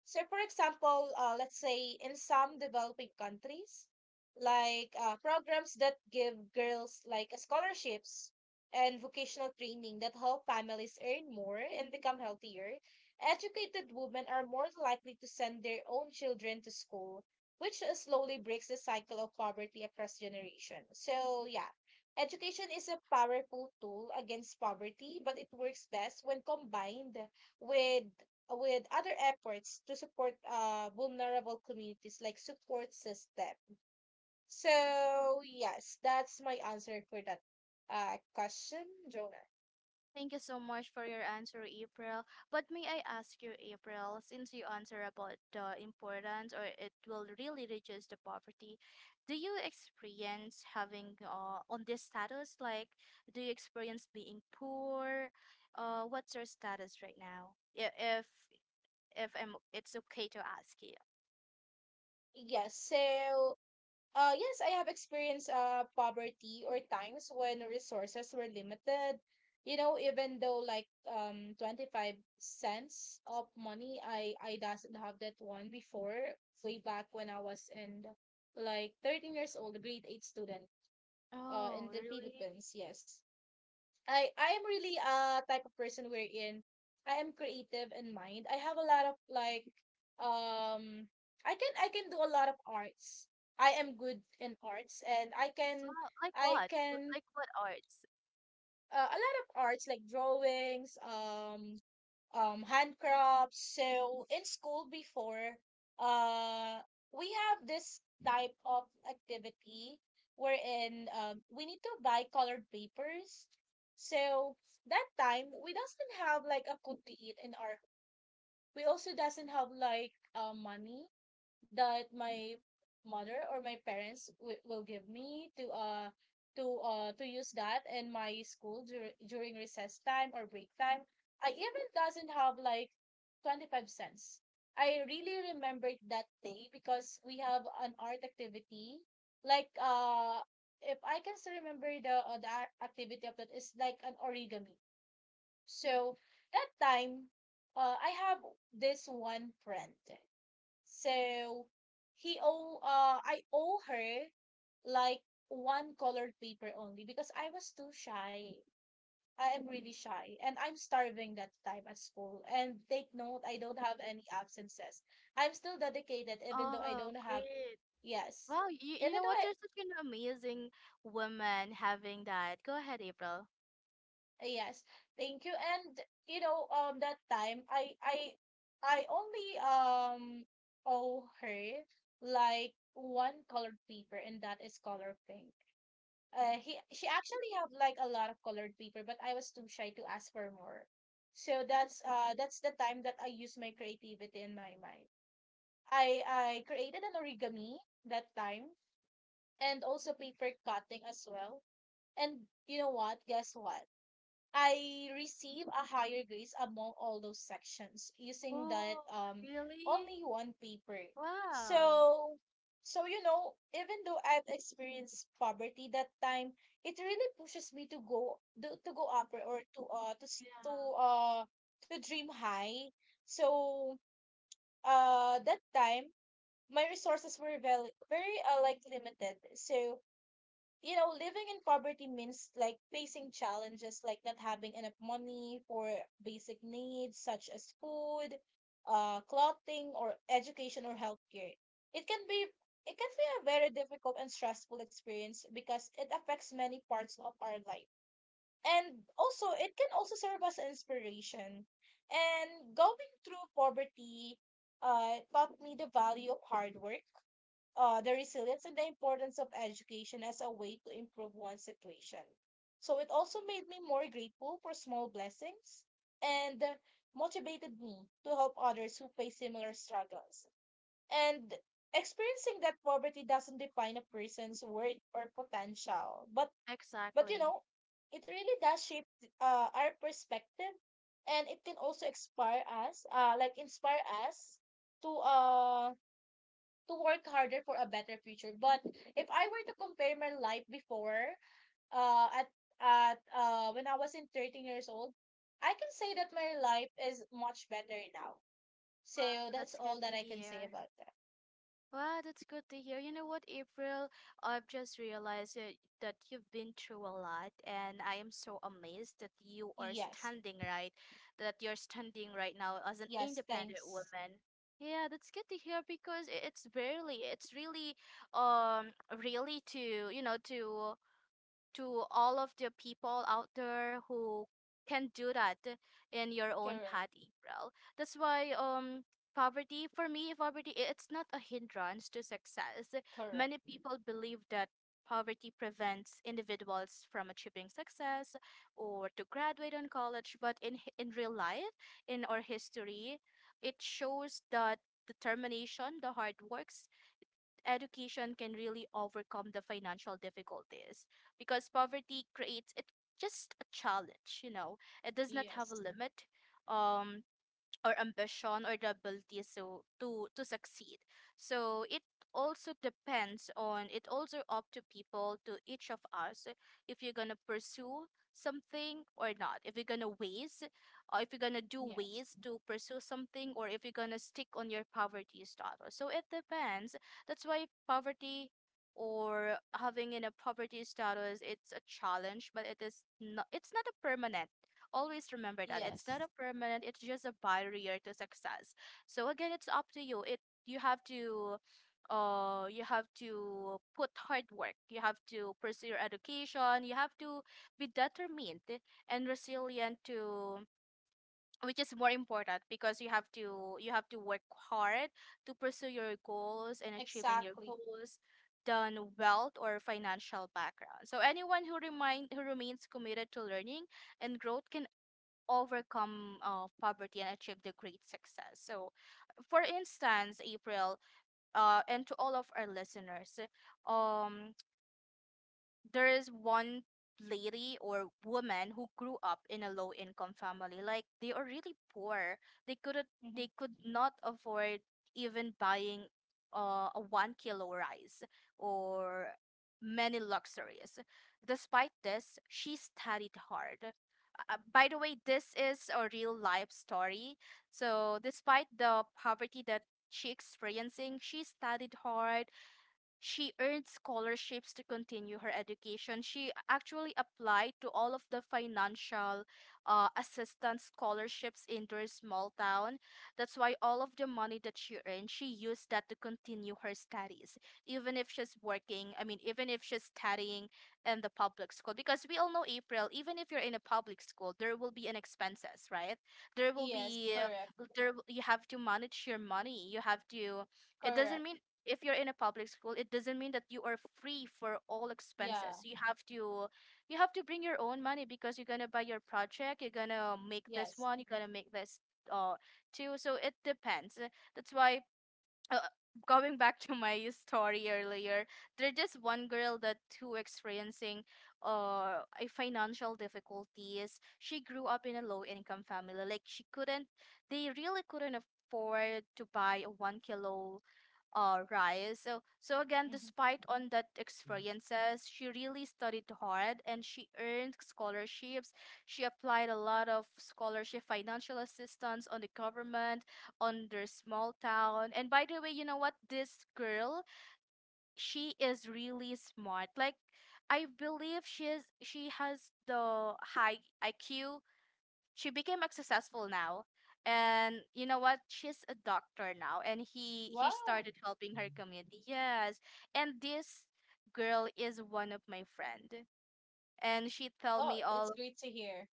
Speaker 1: So, for example, let's say in some developing countries, like programs that give girls like scholarships and vocational training that help families earn more and become healthier, educated women are more likely to send their own children to school, which slowly breaks the cycle of poverty across generations. So, yeah, education is a powerful tool against poverty, but it works best when combined with with other efforts to support vulnerable communities like support system. So yes, that's my answer for that question, Jonah.
Speaker 2: Thank you so much for your answer, April. But may I ask you, April, since you answer about the importance or it will really reduce the poverty, do you experience having, on this status? Like, do you experience being poor? What's your status right now? If I'm, it's okay to ask you.
Speaker 1: Yes, so yes, I have experienced poverty or times when resources were limited. You know, even though like $0.25 of money, I doesn't have that one before, way back when I was in like 13 years old, grade 8 student.
Speaker 2: Oh,
Speaker 1: In the
Speaker 2: really?
Speaker 1: Philippines, yes. I am really a type of person wherein I am creative in mind. I have a lot of like um I can do a lot of arts. I am good in arts, and
Speaker 2: Wow, like
Speaker 1: I
Speaker 2: what?
Speaker 1: can
Speaker 2: Like what arts?
Speaker 1: a lot of arts like drawings, handcrafts. So in school before, uh we have this type of activity wherein we need to buy colored papers. So that time we doesn't have like a food to eat in our, we also doesn't have like money that my mother or my parents will give me to to use that in my school during recess time or break time. I even doesn't have like $0.25. I really remembered that day because we have an art activity like if I can still remember the art activity of that is like an origami. So that time, I have this one friend. So he owe I owe her like one colored paper only because I was too shy. I am really shy, and I'm starving that time at school. And take note, I don't have any absences. I'm still dedicated even though I
Speaker 2: Oh,
Speaker 1: don't have,
Speaker 2: great.
Speaker 1: yes.
Speaker 2: Wow, you
Speaker 1: Even
Speaker 2: know
Speaker 1: though
Speaker 2: what?
Speaker 1: I,
Speaker 2: You're such an amazing woman having that. Go ahead, April.
Speaker 1: yes, thank you. And you know, that time I only owe her like one colored paper, and that is color pink. He She actually have like a lot of colored paper, but I was too shy to ask for more. So that's the time that I use my creativity in my mind. I created an origami that time, and also paper cutting as well. And you know what? Guess what? I receive a higher grades among all those sections using that
Speaker 2: Oh, really?
Speaker 1: only one paper. So
Speaker 2: Wow.
Speaker 1: so you know, even though I've experienced poverty that time, it really pushes me to to go upper or to
Speaker 2: Yeah,
Speaker 1: to dream high. So that time my resources were very very like limited. So you know, living in poverty means like facing challenges like not having enough money for basic needs such as food, clothing, or education or healthcare. It can be it can be a very difficult and stressful experience because it affects many parts of our life. And also, it can also serve as an inspiration. And going through poverty taught me the value of hard work, the resilience, and the importance of education as a way to improve one's situation. So it also made me more grateful for small blessings and motivated me to help others who face similar struggles. And experiencing that poverty doesn't define a person's worth or potential, but you
Speaker 2: exactly.
Speaker 1: know, it really does shape our perspective, and it can also inspire us, like inspire us to uh to work harder for a better future. But if I were to compare my life before, uh, at at when I was in 13 years old, I can say that my life is much better now.
Speaker 2: Wow,
Speaker 1: So that's
Speaker 2: that's good
Speaker 1: all
Speaker 2: to
Speaker 1: that I can say
Speaker 2: hear.
Speaker 1: about that.
Speaker 2: Wow, that's good to hear. You know what, April? I've just realized that, that you've been through a lot, and I am so amazed that you are
Speaker 1: Yes.
Speaker 2: standing right, that you're standing right now as an
Speaker 1: Yes.
Speaker 2: independent
Speaker 1: Thanks.
Speaker 2: woman. Yeah, that's good to hear because it's barely, it's really, really to, you know, to all of the people out there who can do that in your own
Speaker 1: Correct.
Speaker 2: path, April. That's why poverty for me, poverty, it's not a hindrance to success. Many
Speaker 1: Correct.
Speaker 2: people believe that poverty prevents individuals from achieving success or to graduate in college, but in real life, in our history, it shows that determination, the hard work, education can really overcome the financial difficulties because poverty creates it just a challenge. It does not have a
Speaker 1: Yes.
Speaker 2: limit, um or ambition or the ability so to succeed. So it also depends on it, also up to people, to each of us, if you're gonna pursue something or not, if you're gonna ways, or if you're gonna do
Speaker 1: Yes.
Speaker 2: ways to pursue something, or if you're gonna stick on your poverty status. So it depends. That's why poverty or having in a poverty status, it's a challenge, but it is not, it's not a permanent. Always remember that it's
Speaker 1: Yes.
Speaker 2: not a permanent, it's just a barrier to success. So again, it's up to you. It, you have to, you have to put hard work, you have to pursue your education, you have to be determined and resilient to, which is more important, because you have to work hard to pursue your goals and achieving your
Speaker 1: Exactly.
Speaker 2: goals than wealth or financial background. So anyone who remain, who remains committed to learning and growth can overcome poverty and achieve the great success. So, for instance, April, and to all of our listeners, um, there is one lady or woman who grew up in a low income family, like they are really poor. They couldn't, they
Speaker 1: Mm-hmm.
Speaker 2: could not afford even buying a 1 kilo rice or many luxuries. Despite this, she studied hard. By the way, this is a real life story. So despite the poverty that she experiencing, she studied hard. She earned scholarships to continue her education. She actually applied to all of the financial assistance scholarships in their small town. That's why all of the money that she earned, she used that to continue her studies, even if she's working. I mean, even if she's studying in the public school, because we all know, April. Even if you're in a public school, there will be an expenses, right? There will
Speaker 1: Yes.
Speaker 2: be
Speaker 1: Correct.
Speaker 2: there. You have to manage your money. You have to, it doesn't
Speaker 1: Correct.
Speaker 2: mean if you're in a public school, it doesn't mean that you are free for all expenses.
Speaker 1: Yeah.
Speaker 2: You have to, you have to bring your own money because you're gonna buy your project, you're gonna make this
Speaker 1: Yes.
Speaker 2: one, you're gonna make this uh too. So it depends. That's why uh, going back to my story earlier, there's this one girl that who experiencing a financial difficulties. She grew up in a low income family, like she couldn't, they really couldn't afford to buy a 1 kilo. All right. So so again,
Speaker 1: Mm-hmm.
Speaker 2: despite on that experiences, she really studied hard and she earned scholarships. She applied a lot of scholarship financial assistance on the government, on their small town. And by the way, you know what? This girl, she is really smart. Like, I believe she has the high IQ. She became a successful now, and you know what, she's a doctor now, and he
Speaker 1: Wow.
Speaker 2: started helping her community, yes. And this girl is one of my friend, and she tell
Speaker 1: Oh,
Speaker 2: me
Speaker 1: it's
Speaker 2: all,
Speaker 1: great to hear.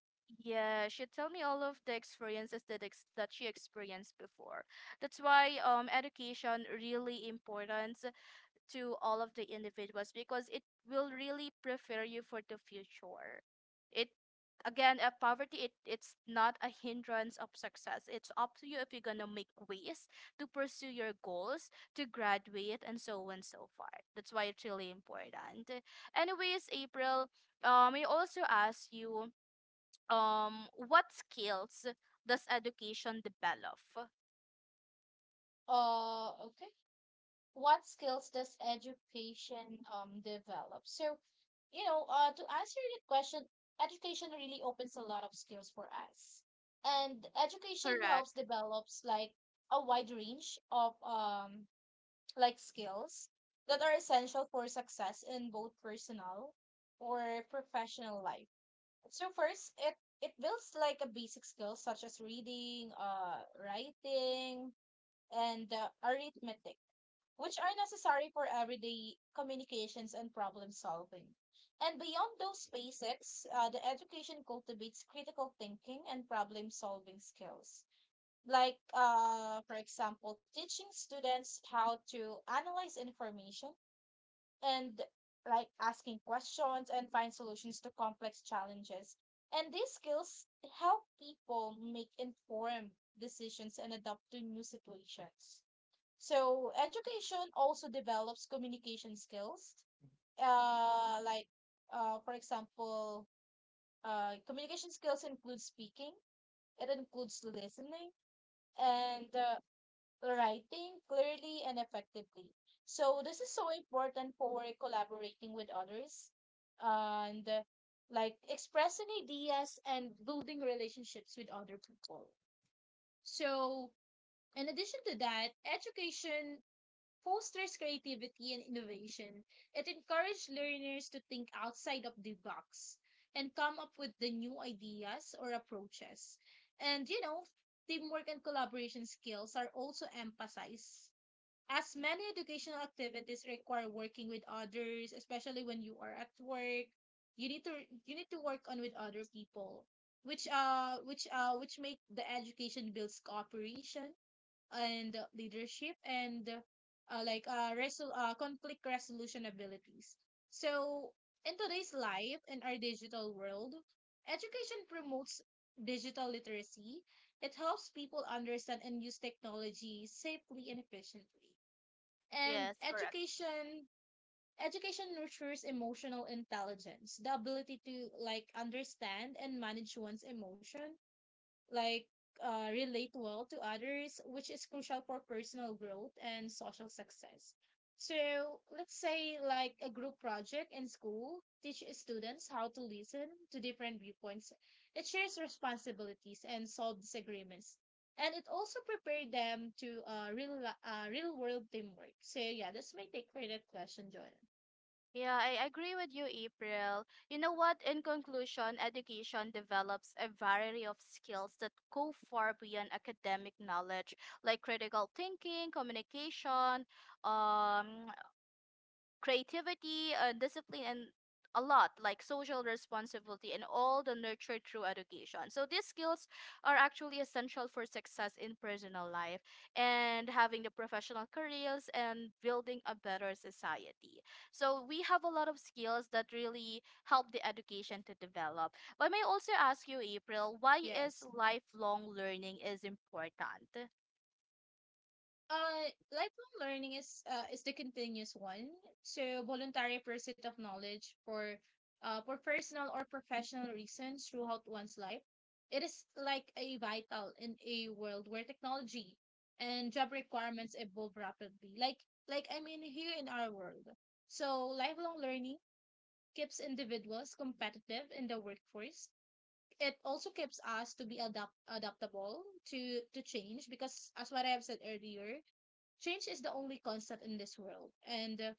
Speaker 2: yeah, she tell me all of the experiences that that she experienced before. That's why education really important to all of the individuals because it will really prepare you for the future. It, again, poverty it, it's not a hindrance of success. It's up to you if you're gonna make ways to pursue your goals, to graduate and so on and so forth. That's why it's really important. Anyways, April, I also ask you, what skills does education develop?
Speaker 1: Uh, okay. What skills does education develop? So, you know, to answer your question, education really opens a lot of skills for us. And education helps
Speaker 2: Correct.
Speaker 1: develops like a wide range of like skills that are essential for success in both personal or professional life. So first, it builds like a basic skills such as reading, writing, and arithmetic, which are necessary for everyday communications and problem solving. And beyond those basics, the education cultivates critical thinking and problem solving skills. Like, for example, teaching students how to analyze information and like asking questions and find solutions to complex challenges. And these skills help people make informed decisions and adapt to new situations. So education also develops communication skills. Uh, like for example, communication skills include speaking. It includes listening and writing clearly and effectively. So this is so important for collaborating with others, and like expressing ideas and building relationships with other people. So in addition to that, education fosters creativity and innovation. It encourages learners to think outside of the box and come up with the new ideas or approaches. And you know, teamwork and collaboration skills are also emphasized. As many educational activities require working with others, especially when you are at work, you need to you need to work on with other people, which which make the education builds cooperation and leadership and conflict resolution abilities. So, in today's life, in our digital world, education promotes digital literacy. It helps people understand and use technology safely and efficiently. And
Speaker 2: Yes, correct.
Speaker 1: education nurtures emotional intelligence, the ability to like understand and manage one's emotion like relate well to others, which is crucial for personal growth and social success. So let's say like a group project in school teach students how to listen to different viewpoints. It shares responsibilities and solve disagreements. And it also prepared them to real world teamwork. So yeah, that's my take for that question, John.
Speaker 2: Yeah, I agree with you, April. You know what? In conclusion, education develops a variety of skills that go far beyond academic knowledge, like critical thinking, communication, um, creativity, discipline, and a lot like social responsibility and all the nurtured through education. So these skills are actually essential for success in personal life and having the professional careers and building a better society. So we have a lot of skills that really help the education to develop. But may I also ask you, April, why is
Speaker 1: Yes.
Speaker 2: lifelong learning is important?
Speaker 1: Lifelong learning is the continuous one. So voluntary pursuit of knowledge for personal or professional reasons throughout one's life. It is like a vital in a world where technology and job requirements evolve rapidly. Like I mean here in our world. So lifelong learning keeps individuals competitive in the workforce. It also keeps us to be adaptable to change because as what I have said earlier, change is the only constant in this world. And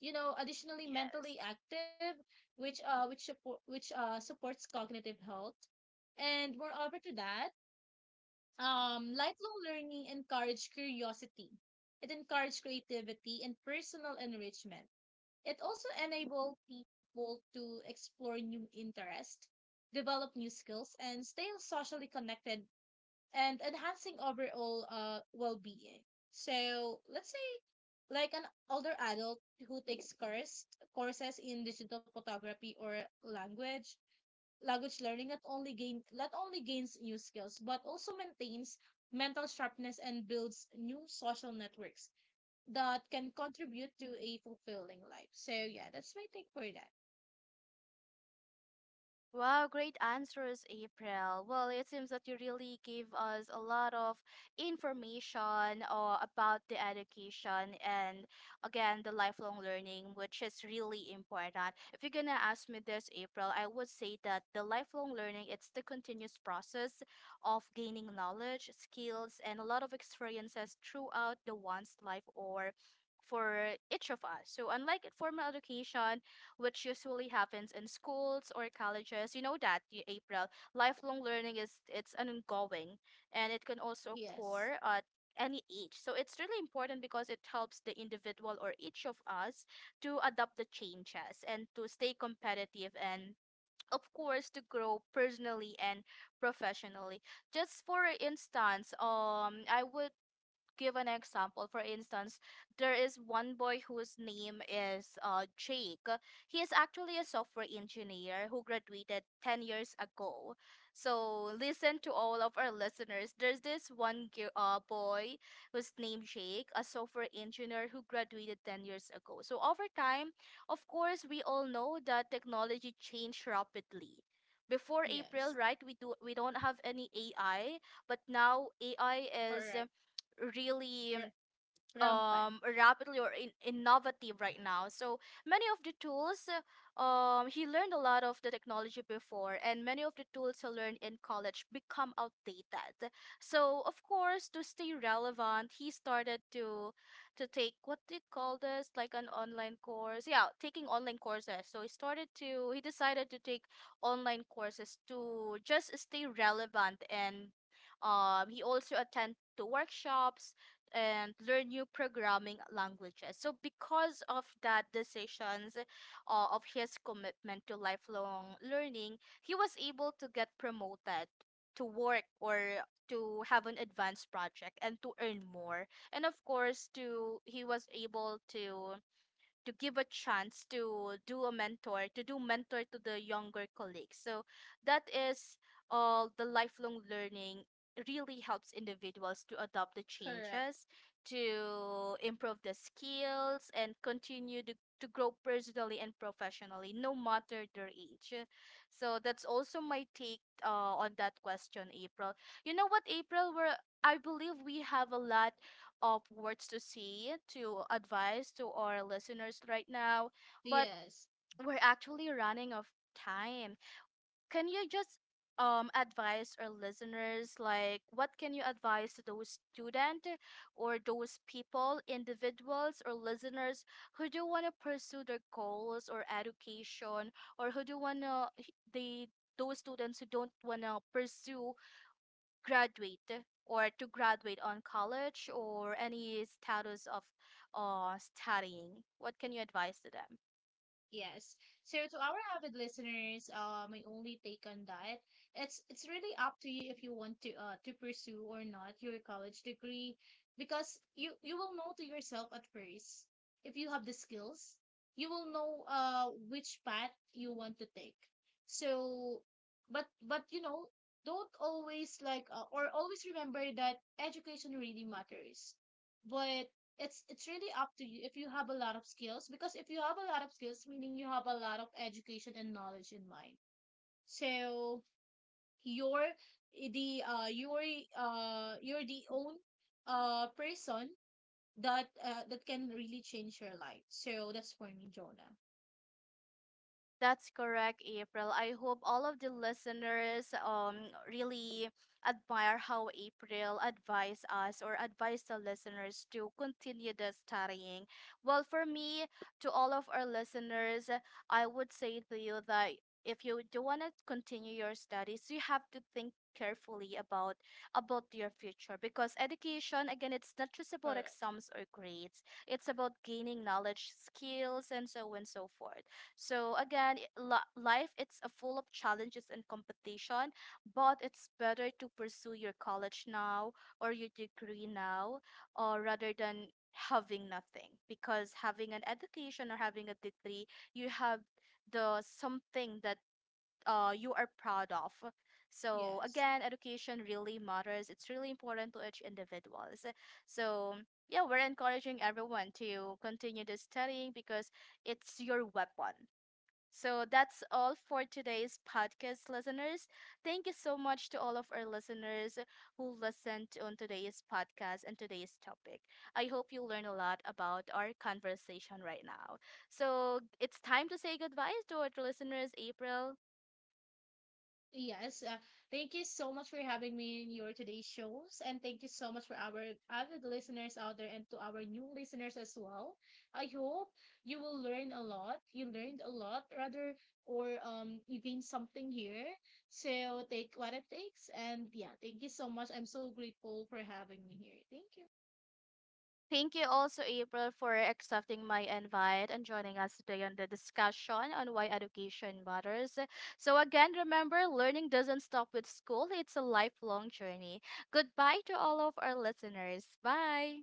Speaker 1: you know, additionally
Speaker 2: Yes.
Speaker 1: mentally active, which supports cognitive health. And moreover to that, lifelong learning encourage curiosity. It encourages creativity and personal enrichment. It also enable people to explore new interests, develop new skills, and stay socially connected and enhancing overall well-being. So let's say like an older adult who courses in digital photography or language language learning not only gains new skills but also maintains mental sharpness and builds new social networks that can contribute to a fulfilling life. So yeah, that's my take for that.
Speaker 2: Wow, great answers, April. Well, it seems that you really gave us a lot of information about the education and again the lifelong learning, which is really important. If you're gonna ask me this, April, I would say that the lifelong learning it's the continuous process of gaining knowledge, skills, and a lot of experiences throughout the one's life or for each of us. So unlike formal education, which usually happens in schools or colleges. You know that, April. Lifelong learning is, it's an ongoing and it can also
Speaker 1: Yes.
Speaker 2: occur at any age. So it's really important because it helps the individual or each of us to adapt the changes and to stay competitive and of course to grow personally and professionally. Just for instance, I would give an example. For instance, there is one boy whose name is Jake. He is actually a software engineer who graduated 10 years ago. So, listen, to all of our listeners. There's this one boy whose name Jake, a software engineer who graduated 10 years ago. So, over time, of course, we all know that technology changed rapidly. Before, April,
Speaker 1: Yes.
Speaker 2: right, we don't have any AI, but now AI is
Speaker 1: Correct.
Speaker 2: really
Speaker 1: R- Rampan.
Speaker 2: rapidly or innovative right now. So many of the tools, he learned a lot of the technology before, and many of the tools he learned in college become outdated. So of course, to stay relevant, he started to take, what do you call this, like an online course, yeah, taking online courses. So he started to, he decided to take online courses to just stay relevant, and he also attend to workshops and learn new programming languages. So because of that decisions, of his commitment to lifelong learning, he was able to get promoted to work or to have an advanced project and to earn more. And of course, to he was able to give a chance to do a mentor, to do mentor to the younger colleagues. So that is, all the lifelong learning really helps individuals to adopt the
Speaker 1: Correct.
Speaker 2: changes, to improve the skills and continue to grow personally and professionally no matter their age. So that's also my take on that question, April. You know what, April, we're I believe we have a lot of words to say, to advise to our listeners right now, but
Speaker 1: Yes.
Speaker 2: we're actually running out of time. Can you just advise our listeners, like what can you advise to those student or those people, individuals or listeners who do want to pursue their goals or education, or who do want to the, those students who don't want to pursue graduate or to graduate on college or any status of studying? What can you advise to them?
Speaker 1: Yes. So to our avid listeners, my only take on that, it's really up to you if you want to pursue or not your college degree, because you will know to yourself at first if you have the skills, you will know which path you want to take. So, but you know, don't always like or always remember that education really matters, but it's really up to you if you have a lot of skills because if you have a lot of skills meaning you have a lot of education and knowledge in mind. So you're the uh you're you're the own person that that can really change your life. So that's for me, Jonah,
Speaker 2: That's correct, April. I hope all of the listeners really admire how April advised us or advised the listeners to continue the studying. Well, for me, to all of our listeners, I would say to you that if you do want to continue your studies, you have to think carefully about your future, because education, again, it's not just
Speaker 1: for
Speaker 2: about exams or grades, it's about gaining knowledge, skills, and so on and so forth. So again, life it's a full of challenges and competition, but it's better to pursue your college now or your degree now, or rather than having nothing. Because having an education or having a degree, you have the something that you are proud of. So
Speaker 1: yes.
Speaker 2: again, education really matters. It's really important to each individuals. So yeah, we're encouraging everyone to continue the studying because it's your weapon. So that's all for today's podcast, listeners. Thank you so much to all of our listeners who listened on today's podcast and today's topic. I hope you learn a lot about our conversation right now. So it's time to say goodbye to our listeners, April.
Speaker 1: Yes, thank you so much for having me in your today's shows, and thank you so much for our avid listeners out there and to our new listeners as well. I hope you will learn a lot. You learned a lot, rather, or you gained something here. So take what it takes, and yeah, thank you so much. I'm so grateful for having me here. Thank you.
Speaker 2: Thank you also, April, for accepting my invite and joining us today on the discussion on why education matters. So, again, remember learning doesn't stop with school, it's a lifelong journey. Goodbye to all of our listeners. Bye.